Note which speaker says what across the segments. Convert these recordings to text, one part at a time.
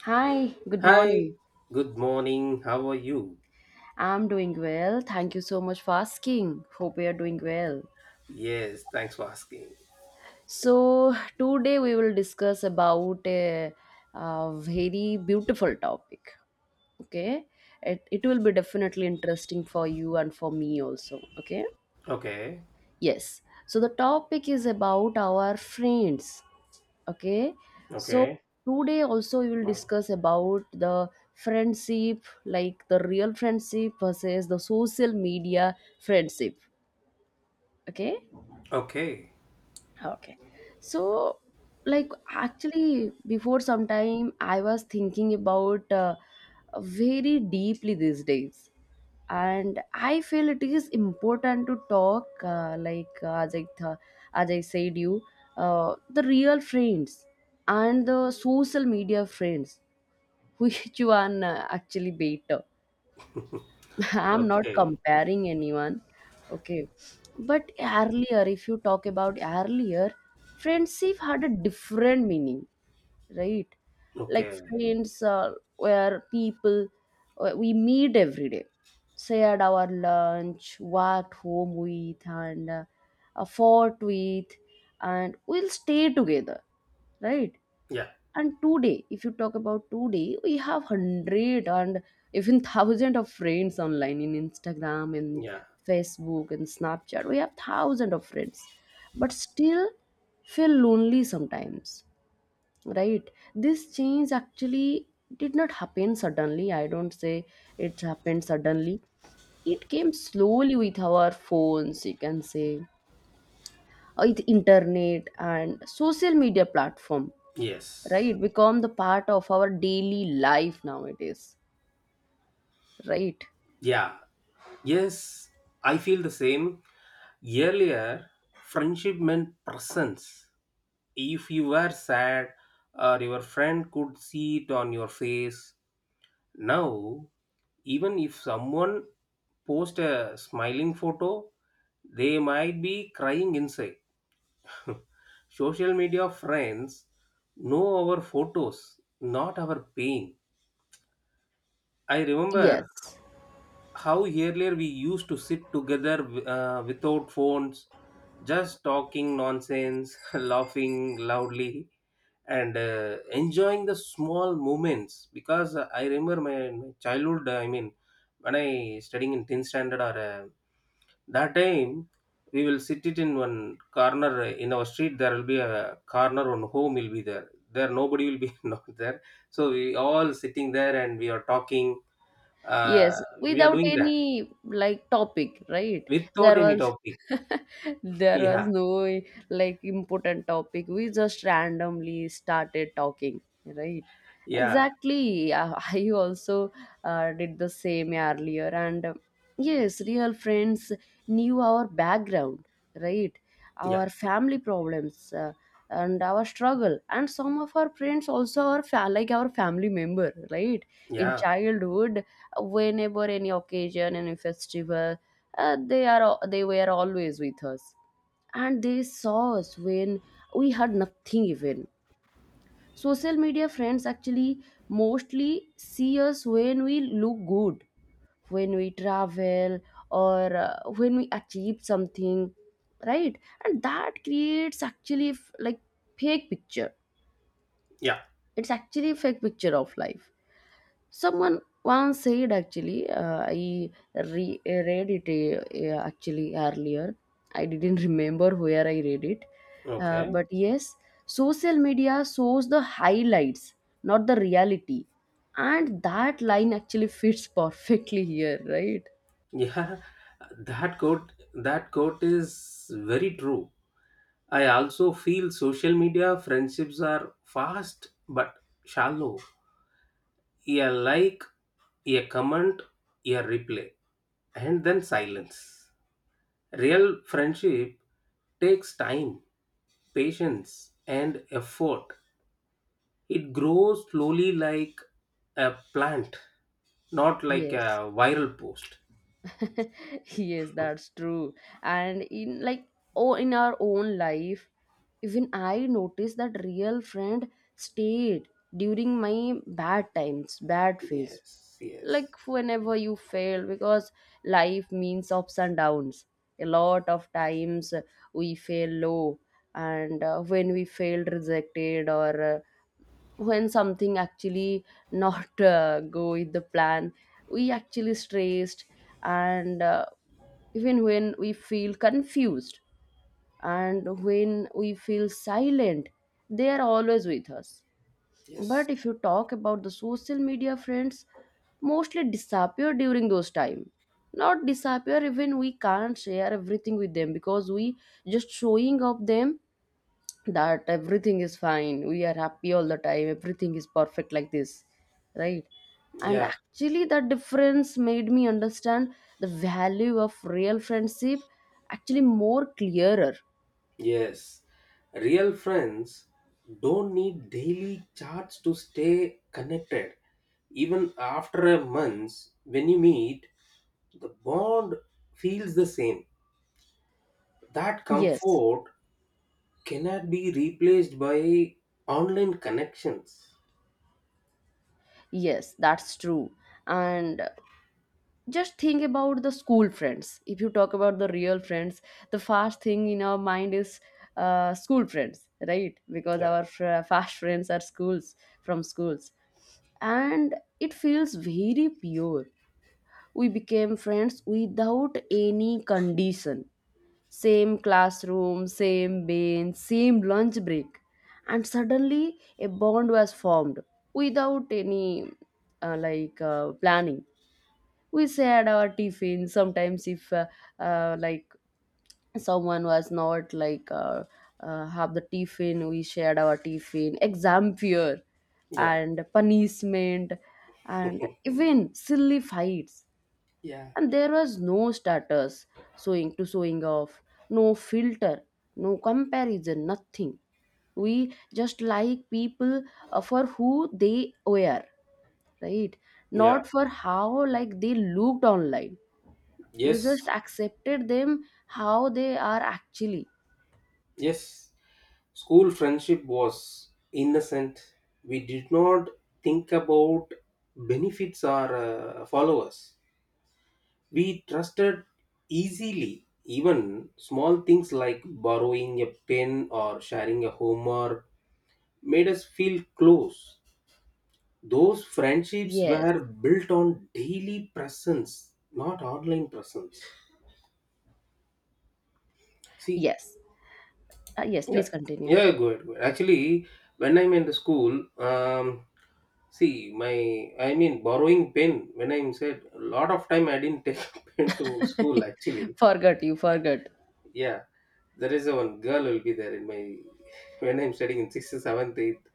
Speaker 1: Hi, good
Speaker 2: Hi,
Speaker 1: morning.
Speaker 2: good morning. How are you?
Speaker 1: I'm doing well. Thank you so much for asking. Hope you're doing well.
Speaker 2: Yes, thanks for asking.
Speaker 1: So, today we will discuss about a very beautiful topic. Okay. It will be definitely interesting for you and for me also. Okay.
Speaker 2: Okay,
Speaker 1: Yes. So, the topic is about our friends. Okay. So
Speaker 2: okay,
Speaker 1: today also we will discuss about the friendship, like the real friendship versus the social media friendship. Okay.
Speaker 2: okay,
Speaker 1: Okay. So, like actually before some time I was thinking about very deeply these days, and I feel it is important to talk like as I said you, the real friends and the social media friends. Which one actually better? I'm not
Speaker 2: okay,
Speaker 1: comparing anyone. Okay. But earlier, if you talk about earlier, friendship had a different meaning, right? Like
Speaker 2: okay.
Speaker 1: friends, where people, we meet every day, shared our lunch, walked home with, and fought with, and we'll stay together, right?
Speaker 2: Yeah,
Speaker 1: And today, if you talk about today, we have hundred and even thousand of friends online in Instagram and
Speaker 2: yeah,
Speaker 1: Facebook and Snapchat. We have thousand of friends, but still feel lonely sometimes, right? This change actually did not happen suddenly, I don't say it happened suddenly. It came slowly with our phones, you can say, with internet and social media platform,
Speaker 2: yes,
Speaker 1: right? Become the part of our daily life nowadays, right?
Speaker 2: yeah, yes. I feel the same. Earlier, friendship meant presence. If you were sad, or your friend could see it on your face. Now, even if someone post a smiling photo, they might be crying inside. Social media friends know our photos, not our pain. I
Speaker 1: Yes.
Speaker 2: remember how earlier we used to sit together without phones, just talking nonsense, laughing loudly, and enjoying the small moments. Because I remember my childhood, I mean, when I studying in 10th standard or that time, we will sit it in one corner in our street. There will be a corner on home will be there nobody will be not there, so we all sitting there and we are talking. uh,
Speaker 1: Yes,
Speaker 2: we are
Speaker 1: without
Speaker 2: doing that
Speaker 1: any like topic, right?
Speaker 2: without
Speaker 1: There
Speaker 2: any
Speaker 1: was
Speaker 2: topic.
Speaker 1: there was
Speaker 2: Yeah,
Speaker 1: no like important topic. We just randomly started talking, right?
Speaker 2: yeah,
Speaker 1: Exactly. I I also did the same earlier, and yes, real friends knew our background, right?
Speaker 2: yeah,
Speaker 1: Our family problems, and our struggle, and some of our friends also our like our family member, right? In
Speaker 2: yeah,
Speaker 1: childhood, whenever any occasion, any festival, they were always with us, and they saw us when we had nothing. Even social media friends actually mostly see us when we look good, when we travel, or when we achieve something, right? And that creates actually like fake picture.
Speaker 2: yeah.
Speaker 1: It's actually a fake picture of life. Someone once said actually, I read it actually earlier. I didn't remember where I read it. Uh,
Speaker 2: Okay,
Speaker 1: but yes, social media shows the highlights, not the reality. And that line actually fits perfectly here, right?
Speaker 2: yeah. That quote is very true. I also feel social media friendships are fast but shallow. A like, a comment, a replay, and then silence. Real friendship takes time, patience, and effort. It grows slowly like a plant, not like
Speaker 1: Yes.
Speaker 2: a viral post.
Speaker 1: Yes, that's true. And in like, oh, in our own life, even I noticed that real friend stayed during my bad times, bad phase.
Speaker 2: Yes, yes,
Speaker 1: Like whenever you fail, because life means ups and downs. A lot of times, we fail low. And when we fail, rejected, or when something actually not go with the plan, we actually stressed. And even when we feel confused, and when we feel silent, they are always with us.
Speaker 2: yes.
Speaker 1: But if you talk about the social media friends, mostly disappear during those time. Not disappear, even we can't share everything with them, because we just showing up them that everything is fine, we are happy all the time, everything is perfect, like this, right? And
Speaker 2: Yeah,
Speaker 1: actually that difference made me understand the value of real friendship actually more clearer.
Speaker 2: yes. Real friends don't need daily chats to stay connected. Even after a month, when you meet, the bond feels the same. That
Speaker 1: Yes.
Speaker 2: comfort cannot be replaced by online connections.
Speaker 1: Yes, that's true. And just think about the school friends. If you talk about the real friends, the first thing in our mind is school friends, right? Because
Speaker 2: Yeah.
Speaker 1: our fast friends are schools, from schools. And it feels very pure. We became friends without any condition. Same classroom, same bench, same lunch break, and suddenly a bond was formed without any like planning. We shared our tiffin sometimes, if like someone was not like have the tiffin, we shared our tiffin, exam fear
Speaker 2: Yeah,
Speaker 1: and punishment, and even silly fights.
Speaker 2: yeah.
Speaker 1: And there was no status, showing off, no filter, no comparison, nothing. We just like people for who they were, right?
Speaker 2: Yeah,
Speaker 1: Not for how like they looked online. We just
Speaker 2: yes,
Speaker 1: accepted them how they are actually.
Speaker 2: yes. School friendship was innocent. We did not think about benefits or followers. We trusted easily, even small things like borrowing a pen or sharing a homework made us feel close. Those friendships
Speaker 1: Yes.
Speaker 2: were built on daily presence, not online presence. See,
Speaker 1: Yes. Yes, please
Speaker 2: yeah,
Speaker 1: continue.
Speaker 2: yeah, go ahead. Go ahead. Actually, when I'm in the school, see, my I mean, borrowing pen. When I'm said, a lot of time I didn't take pen to school. Actually,
Speaker 1: Forgot, you forgot.
Speaker 2: yeah, there is a one girl will be there in my when I'm studying in sixth, seventh, eighth.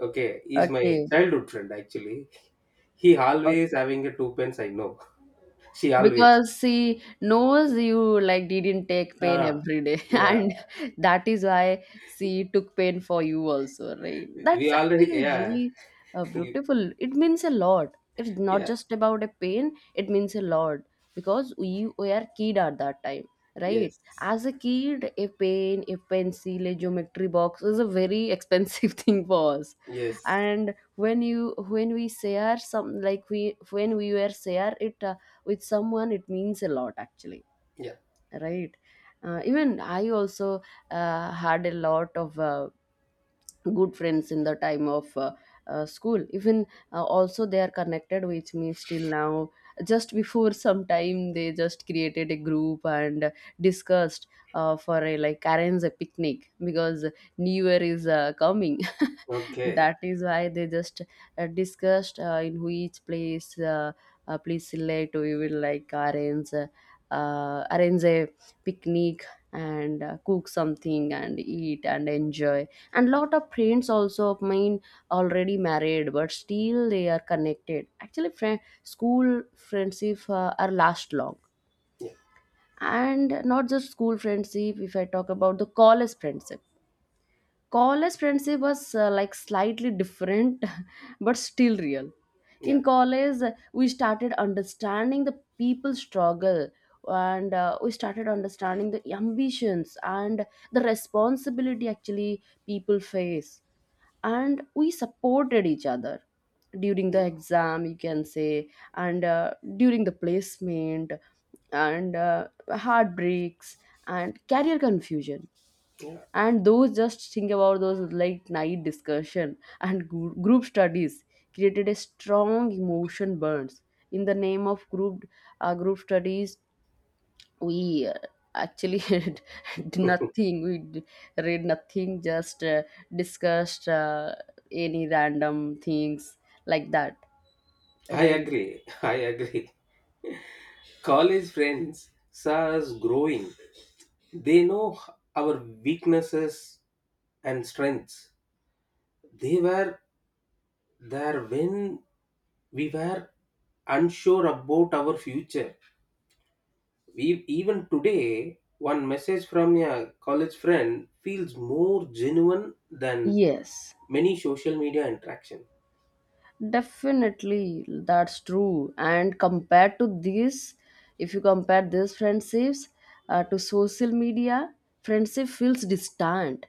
Speaker 2: Okay, he's my
Speaker 1: Okay.
Speaker 2: childhood friend. Actually, he always
Speaker 1: Okay.
Speaker 2: having a two pens. I know she always.
Speaker 1: Because she knows you like didn't take pain
Speaker 2: Ah.
Speaker 1: every day,
Speaker 2: Yeah,
Speaker 1: and that is why she took pain for you also, right?
Speaker 2: we
Speaker 1: That's
Speaker 2: already.
Speaker 1: actually
Speaker 2: Yeah,
Speaker 1: really
Speaker 2: you,
Speaker 1: beautiful. It means a lot, it's not
Speaker 2: yeah,
Speaker 1: just about a pain, it means a lot. Because we were kid at that time, right?
Speaker 2: yes,
Speaker 1: As a kid, a pen, a pencil, a geometry box is a very expensive thing for us.
Speaker 2: yes,
Speaker 1: And when we share some, like we when we were share it with someone, it means a lot actually,
Speaker 2: yeah,
Speaker 1: right? Even I also had a lot of good friends in the time of school. Even also they are connected with me still now. Just before some time, they just created a group and discussed for a, like, arrange a picnic, because New Year is coming.
Speaker 2: okay,
Speaker 1: That is why they just discussed in which place, please select, we will like arrange arrange a picnic, and cook something and eat and enjoy. And lot of friends also of mine already married, but still they are connected. Actually school friendship are last long.
Speaker 2: yeah,
Speaker 1: And not just school friendship, if I talk about the college friendship. College friendship was like slightly different, but still real. In
Speaker 2: yeah,
Speaker 1: college, we started understanding the people's struggle. And we started understanding the ambitions and the responsibility actually people face. And we supported each other during the
Speaker 2: yeah,
Speaker 1: exam, you can say. And during the placement, and heartbreaks, and career confusion.
Speaker 2: yeah.
Speaker 1: And those, just think about those late night discussion and group studies, created a strong emotion burns. In the name of group, group studies, we actually did nothing. We read nothing. Just discussed any random things, like that,
Speaker 2: I
Speaker 1: right?
Speaker 2: agree, I agree. College friends saw us growing. They know our weaknesses and strengths. They were there when we were unsure about our future. We even today, one message from a college friend feels more genuine than
Speaker 1: Yes,
Speaker 2: many social media interaction.
Speaker 1: definitely, that's true. And compared to this, if you compare these friendships, to social media, friendship feels distant.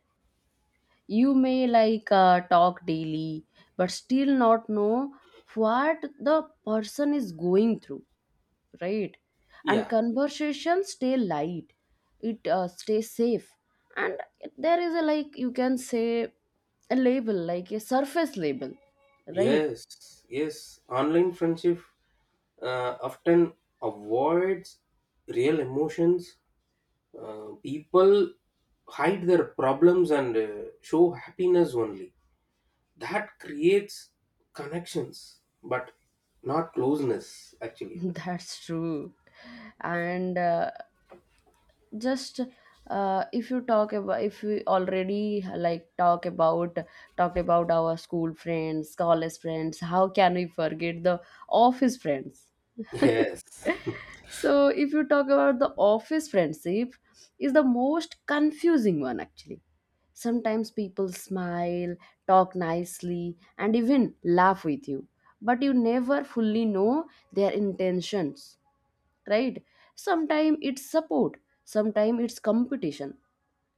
Speaker 1: You may like talk daily, but still not know what the person is going through, right? And
Speaker 2: Yeah.
Speaker 1: conversations stay light, it stays safe, and there is a, like, you can say, a label, like a surface label, right?
Speaker 2: Yes, yes. Online friendship often avoids real emotions. People hide their problems and show happiness only. That creates connections but not closeness actually.
Speaker 1: That's true. And just if you talk about, if we already like talked about our school friends, college friends, how can we forget the office friends?
Speaker 2: Yes,
Speaker 1: So if you talk about the office friendship, is the most confusing one actually. Sometimes people smile, talk nicely and even laugh with you, but you never fully know their intentions, right? Sometimes it's support, sometimes it's competition,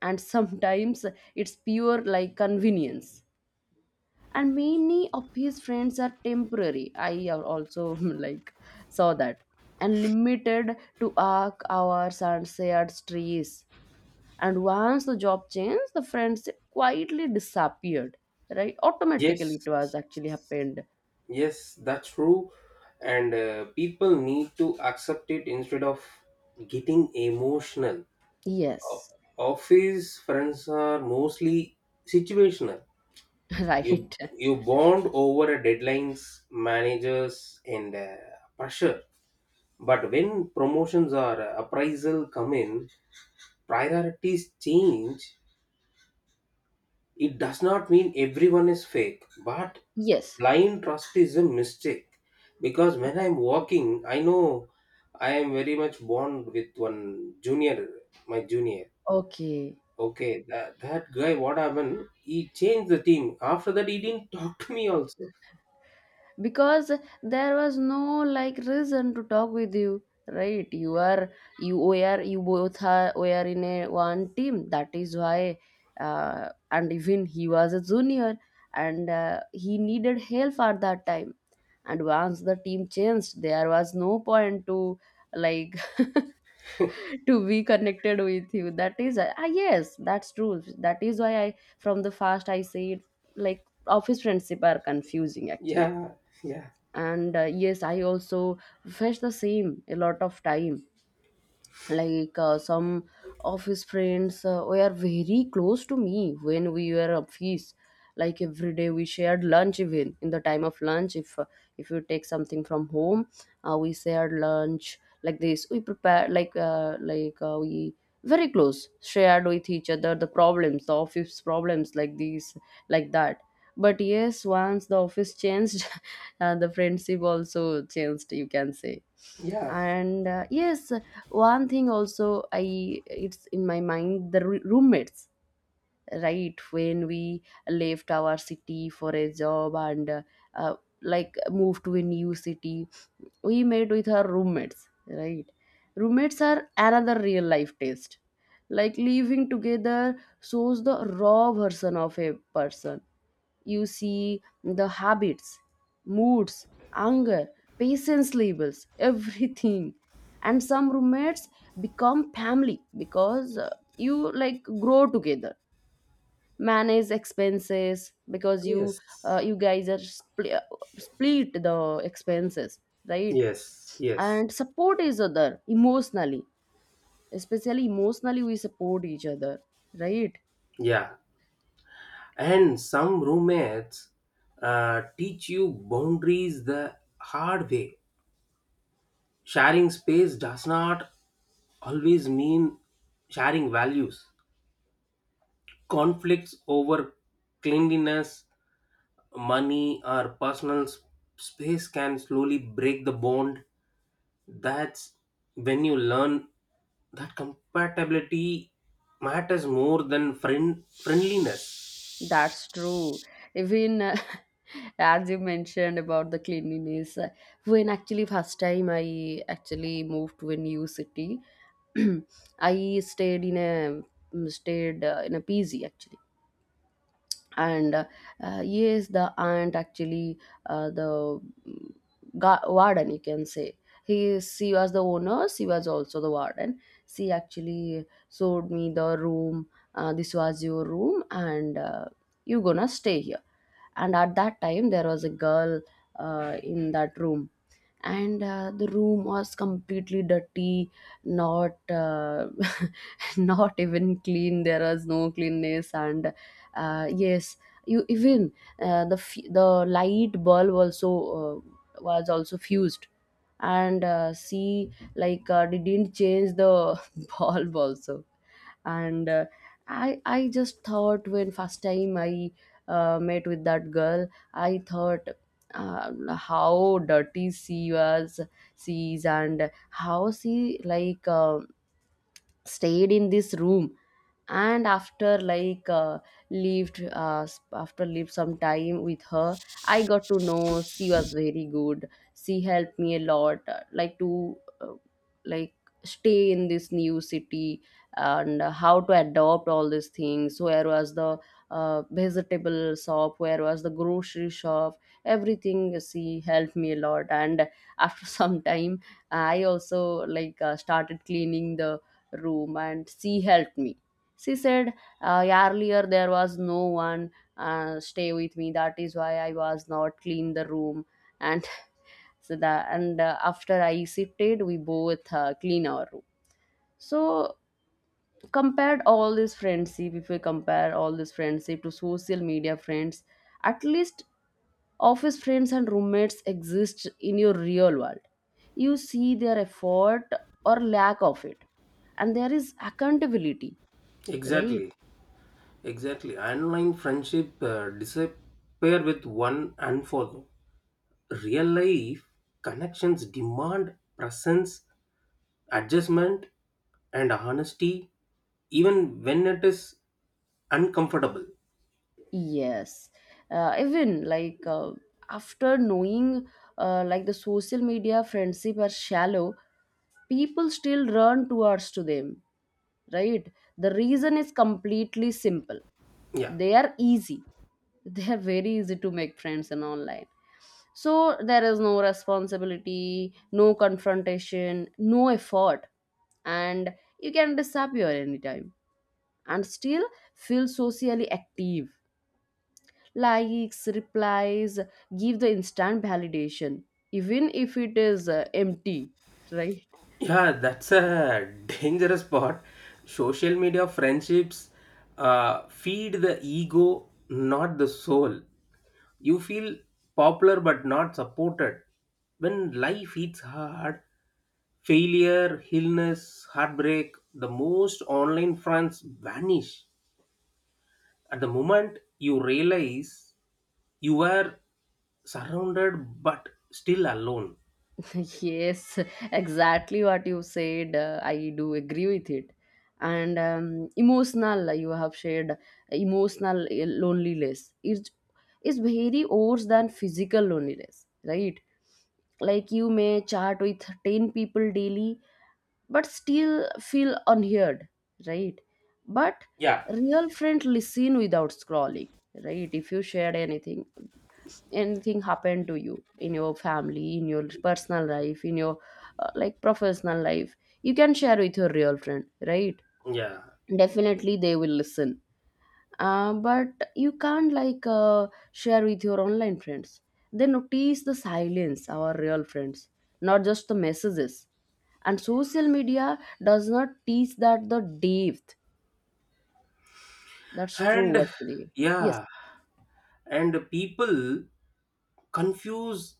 Speaker 1: and sometimes it's pure, like, convenience. And many of his friends are temporary, I also like saw that. And limited to arc hours and shared streets. And once the job changed, the friendship quietly disappeared, right? Automatically it
Speaker 2: yes,
Speaker 1: was actually happened.
Speaker 2: yes, that's true. And people need to accept it instead of getting emotional. Of-
Speaker 1: Yes.
Speaker 2: Office friends are mostly situational.
Speaker 1: Right,
Speaker 2: You you bond over a deadlines, managers, and pressure. But when promotions or appraisal come in, priorities change. It does not mean everyone is fake, but
Speaker 1: yes.
Speaker 2: blind trust is a mistake. Because when I'm working, I know I am very much bond with one junior, my junior.
Speaker 1: Okay.
Speaker 2: Okay, that guy, what happened? He changed the team. After that, he didn't talk to me also.
Speaker 1: Because there was no like reason to talk with you, right? You were, you both are were in a one team, that is why. And even he was a junior, and he needed help at that time. And once the team changed, there was no point to, like, to be connected with you. That is yes, that's true. That is why I, from the first, I said, like office friendship are confusing actually.
Speaker 2: Yeah, yeah,
Speaker 1: And yes, I also felt the same a lot of time. Like some of his friends were very close to me when we were at feast. Like every day we shared lunch. Even in the time of lunch, if you take something from home, we shared lunch like this. We prepare we very close shared with each other the problems, the office problems, like these, like that. But yes, once the office changed, the friendship also changed, you can say.
Speaker 2: yeah,
Speaker 1: And yes, one thing also I it's in my mind, the roommates, right? When we left our city for a job, and uh, like moved to a new city, we met with our roommates, right? Roommates are another real life test. Like living together shows the raw version of a person. You see the habits, moods, anger, patience levels, everything. And some roommates become family, because you like grow together, manage expenses, because
Speaker 2: yes,
Speaker 1: you guys are split the expenses, right?
Speaker 2: yes, yes,
Speaker 1: And support each other emotionally, especially emotionally we support each other, right?
Speaker 2: yeah. And some roommates teach you boundaries the hard way. Sharing space does not always mean sharing values. Conflicts over cleanliness, money, or personal space can slowly break the bond. That's when you learn that compatibility matters more than friendliness.
Speaker 1: That's true. Even as you mentioned about the cleanliness, when actually first time I actually moved to a new city, I stayed in a P G actually and yes the aunt actually the mm, warden you can say he is. She was the owner, she was also the warden. She actually showed me the room. This was your room, and you gonna stay here. And at that time there was a girl in that room, and the room was completely dirty. Not Not even clean, there was no cleanness. And yes, you even the light bulb also was also fused. And see, they didn't change the bulb also. And I just thought, when first time I met with that girl, I thought, how dirty she is and how she stayed in this room. And after lived some time with her, I got to know she was very good. She helped me a lot, like to uh, like stay in this new city and how to adopt all these things. Where was the vegetable shop, where was the grocery shop, everything. She helped me a lot. And after some time, I also started cleaning the room, and she helped me. She said, earlier there was no one stay with me. That is why I was not clean the room. And so that, and after I sifted, we both clean our room. So compared all this friendship, if we compare all this friendship to social media friends, at least office friends and roommates exist in your real world. You see their effort or lack of it, and there is accountability, right?
Speaker 2: Exactly, exactly. Online friendship disappear with one unfollow. Real life connections demand presence, adjustment, and honesty, even when it is uncomfortable.
Speaker 1: Yes, even after knowing, like, the social media friendship are shallow, people still run towards to them, right? The reason is completely simple.
Speaker 2: Yeah.
Speaker 1: They are easy. They are very easy to make friends in online. So there is no responsibility, no confrontation, no effort, and you can disappear anytime and still feel socially active. Likes, replies, give the instant validation, even if it is empty, right?
Speaker 2: Yeah, that's a dangerous part. Social media friendships feed the ego, not the soul. You feel popular but not supported. When life hits hard, failure, illness, heartbreak, the most online friends vanish. At the moment you realize you are surrounded but still alone.
Speaker 1: Yes, exactly what you said. I do agree with it. And emotional, you have shared emotional loneliness is very worse than physical loneliness, right? Like you may chat with 10 people daily, but still feel unheard, right? But
Speaker 2: Yeah,
Speaker 1: real friend listen without scrolling, right? If you shared anything, anything happened to you in your family, in your personal life, in your like professional life, you can share with your real friend, right?
Speaker 2: yeah.
Speaker 1: Definitely they will listen, but you can't share with your online friends. They notice the silence, our real friends, not just the messages. And social media does not teach that the depth. That's true
Speaker 2: And
Speaker 1: actually. Yes,
Speaker 2: yeah, and people confuse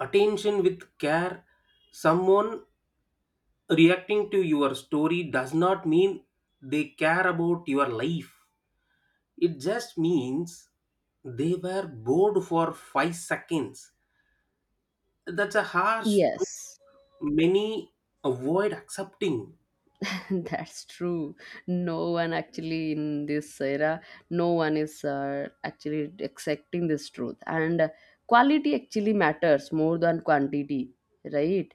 Speaker 2: attention with care. Someone reacting to your story does not mean they care about your life. It just means they were bored for 5 seconds. That's a harsh truth
Speaker 1: yes.
Speaker 2: many avoid accepting.
Speaker 1: That's true. No one actually in this era, no one is actually accepting this truth. And quality actually matters more than quantity, right?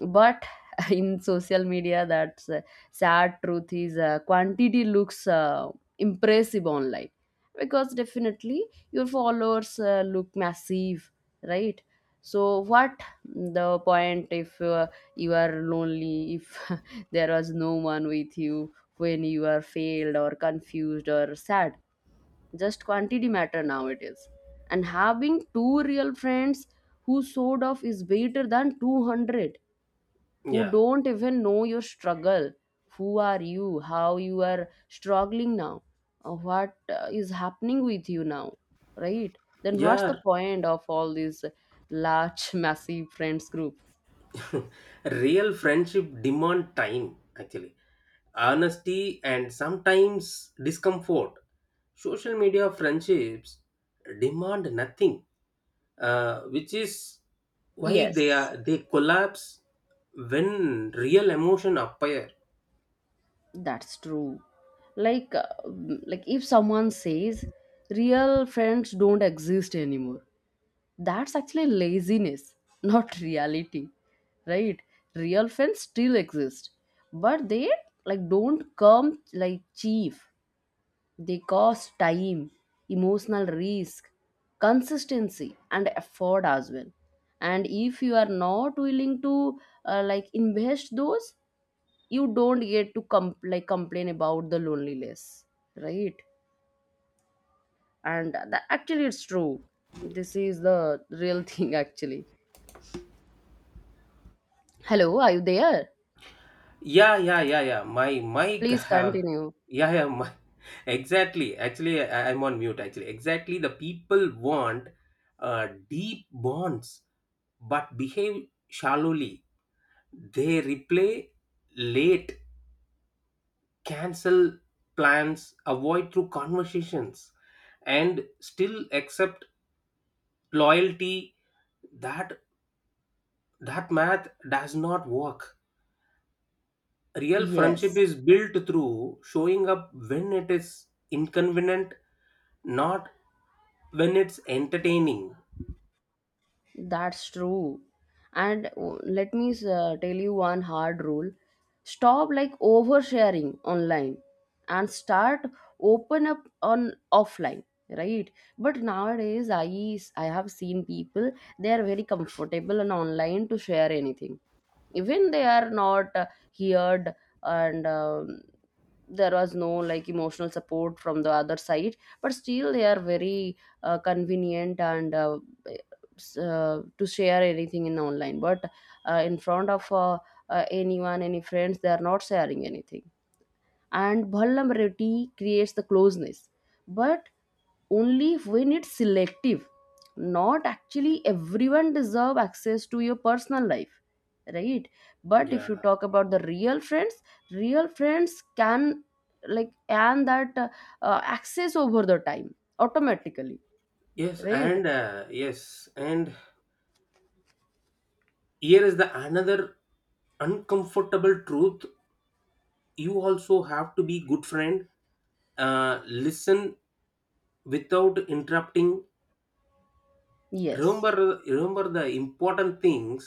Speaker 1: But in social media, that's sad truth is, quantity looks impressive online, because definitely your followers look massive, right? So what the point, if you are lonely, if there was no one with you when you are failed or confused or sad? Just quantity matter nowadays. And having two real friends who sort of is better than 200 who
Speaker 2: Yeah,
Speaker 1: don't even know your struggle, who are you, how you are struggling now, what is happening with you now, right? Then what's
Speaker 2: yeah.
Speaker 1: the point of all these large massive friends group?
Speaker 2: Real friendship demand time actually, honesty and sometimes discomfort. Social media friendships demand nothing, which is why they
Speaker 1: Yes,
Speaker 2: are they collapse when real emotion appear.
Speaker 1: that's true. Like, like, if someone says real friends don't exist anymore, that's actually laziness, not reality, right? Real friends still exist, but they like don't come like cheap. They cost time, emotional risk, consistency, and effort as well. And if you are not willing to like invest those, you don't get to like complain about the loneliness, right? And that, actually it's true, this is the real thing actually. Hello, are you there?
Speaker 2: Yeah, yeah, yeah, yeah. My
Speaker 1: Please
Speaker 2: have
Speaker 1: continue.
Speaker 2: yeah, yeah, my exactly. Actually, I'm on mute actually. Exactly, the people want deep bonds but behave shallowly. They replay late, cancel plans, avoid through conversations, and still accept loyalty. That that math does not work. Real friendship
Speaker 1: Yes.
Speaker 2: is built through showing up when it is inconvenient, not when it's entertaining.
Speaker 1: That's true. And let me tell you one hard rule. Stop like oversharing online and start open up on offline, right? But nowadays I have seen people they are very comfortable on online to share anything. Even they are not heard, and there was no like emotional support from the other side, but still they are very convenient, and to share anything in online, but in front of anyone, any friends, they are not sharing anything. And vulnerability creates the closeness, but only when it's selective. Not actually everyone deserve access to your personal life, right? But if
Speaker 2: Yeah.
Speaker 1: you talk about the real friends, real friends can, like and that access over the time automatically,
Speaker 2: Yes,
Speaker 1: right?
Speaker 2: and yes, and here is the another uncomfortable truth. You also have to be good friend. Listen without interrupting.
Speaker 1: Yes.
Speaker 2: Remember the important things,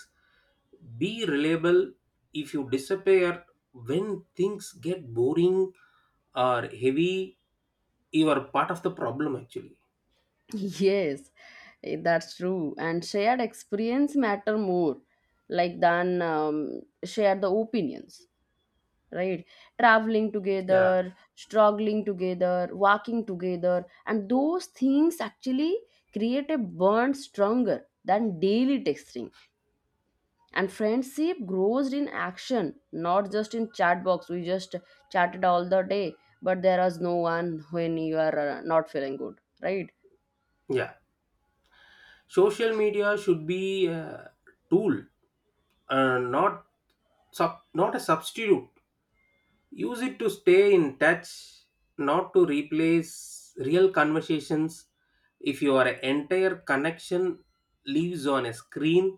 Speaker 2: be reliable. If you disappear when things get boring or heavy, you are part of the problem actually.
Speaker 1: Yes. Eh, that's true. And shared experience matter more like than, share the opinions, right? Traveling
Speaker 2: Yeah,
Speaker 1: together, struggling together, walking together, and those things actually create a bond stronger than daily texting. And friendship grows in action, not just in chat box. We just chatted all the day, but there is no one when you are not feeling good, right?
Speaker 2: yeah. Social media should be a tool, not not a substitute. Use it to stay in touch, not to replace real conversations. If your entire connection lives on a screen,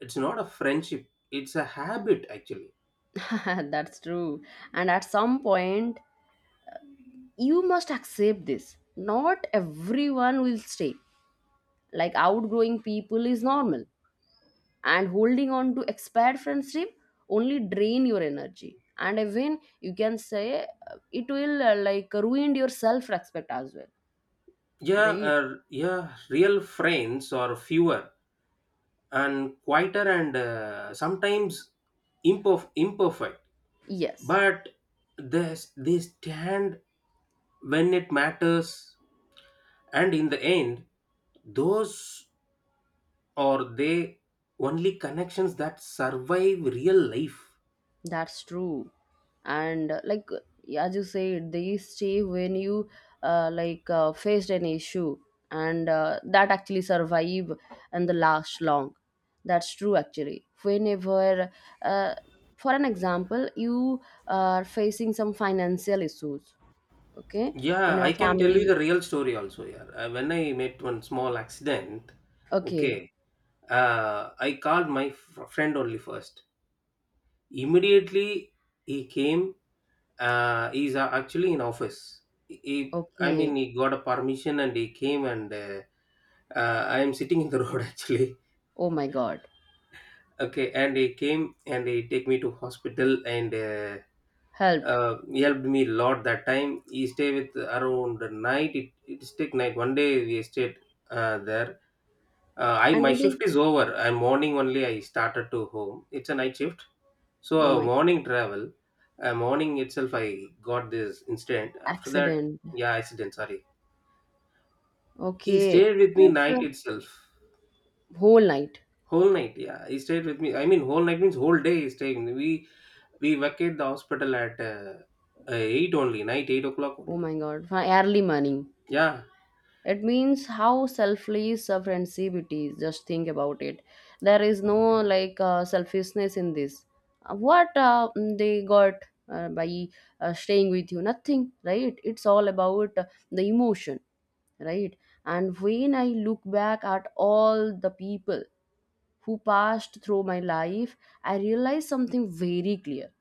Speaker 2: it's not a friendship, it's a habit actually.
Speaker 1: That's true. And at some point you must accept this, not everyone will stay. Like outgrowing people is normal, and holding on to expired friendship only drain your energy. And even you can say it will like ruin your self respect as well,
Speaker 2: Yeah,
Speaker 1: right?
Speaker 2: yeah. Real friends are fewer and quieter, and sometimes imperfect,
Speaker 1: Yes,
Speaker 2: but they, they stand when it matters. And in the end, those are they only connections that survive real life.
Speaker 1: that's true. And as you said, they stay when you faced an issue, and that actually survive and the last long. That's true actually. Whenever uh, for an example, you are facing some financial issues. Okay, in
Speaker 2: Yeah,
Speaker 1: our
Speaker 2: I can tell you
Speaker 1: family.
Speaker 2: the real story also. Yeah, when I met one small accident,
Speaker 1: Okay,
Speaker 2: okay, I called my friend only first. Immediately he came. He's actually in office. He, I
Speaker 1: okay.
Speaker 2: mean, he got a permission and he came and I am sitting in the road actually.
Speaker 1: Oh my God,
Speaker 2: Okay, and he came and he take me to hospital and uh,
Speaker 1: helped.
Speaker 2: uh, he helped me a lot that time. He stayed with around the night. It stick night. One day we stayed there. I
Speaker 1: And
Speaker 2: my shift
Speaker 1: maybe,
Speaker 2: is over. I morning only. I started to home. It's a night shift, so
Speaker 1: oh my,
Speaker 2: morning travel. Morning itself, I got this incident. After that,
Speaker 1: accident.
Speaker 2: yeah, accident. Sorry. He
Speaker 1: Okay,
Speaker 2: stayed with me
Speaker 1: that's a
Speaker 2: night itself,
Speaker 1: whole night.
Speaker 2: whole night. Yeah, he stayed with me. I mean, whole night means whole day. He stayed. We vacate the hospital at eight only, night 8 o'clock
Speaker 1: Oh
Speaker 2: only.
Speaker 1: my God, for early morning.
Speaker 2: Yeah,
Speaker 1: It means how selfless a friendship it is. Just think about it. There is no selfishness in this. What they got by staying with you? Nothing, right? It's all about the emotion, right? And when I look back at all the people who passed through my life, I realized something very clear.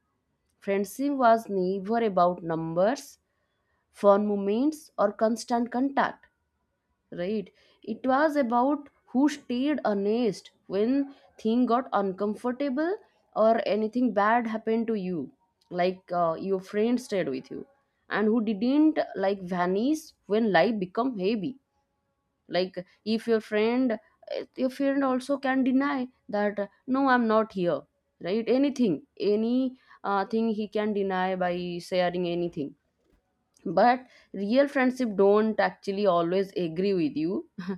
Speaker 1: Friendship was never about numbers, fun moments, or constant contact, right? It was about who stayed honest when thing got uncomfortable, or anything bad happened to you, like your friend stayed with you, and who didn't like vanish when life become heavy. Like if your friend, your friend also can deny that, no, I'm not here, right? Anything, any thing he can deny by sharing anything. But real friendship don't actually always agree with you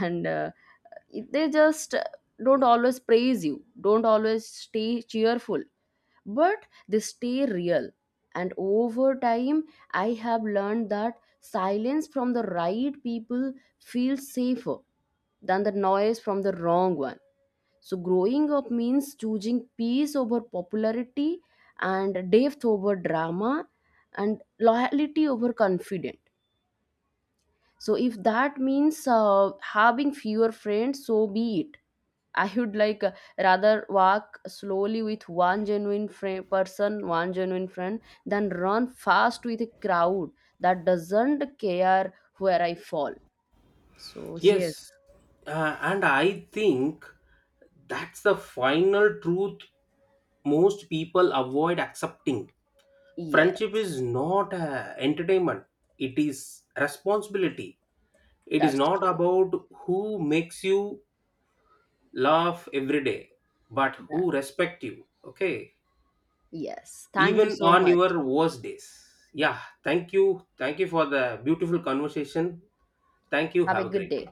Speaker 1: and they just don't always praise you, don't always stay cheerful, but they stay real. And over time, I have learned that silence from the right people feels safer than the noise from the wrong one. So growing up means choosing peace over popularity, and depth over drama, and loyalty over confident. So if that means having fewer friends, so be it. I would rather walk slowly with one genuine friend, than run fast with a crowd that doesn't care where I fall. So yes,
Speaker 2: yes, and I think that's the final truth most people avoid accepting. Friendship
Speaker 1: yes,
Speaker 2: is not a entertainment, it is responsibility. It is
Speaker 1: that's
Speaker 2: not
Speaker 1: true.
Speaker 2: about who makes you laugh every day, but
Speaker 1: That
Speaker 2: who respect you, okay?
Speaker 1: yes. Thank you
Speaker 2: Even
Speaker 1: so
Speaker 2: on
Speaker 1: much.
Speaker 2: your worst days. Yeah, thank you. Thank you for the beautiful conversation. Thank you.
Speaker 1: Have a
Speaker 2: Have a
Speaker 1: good
Speaker 2: great
Speaker 1: day.
Speaker 2: day.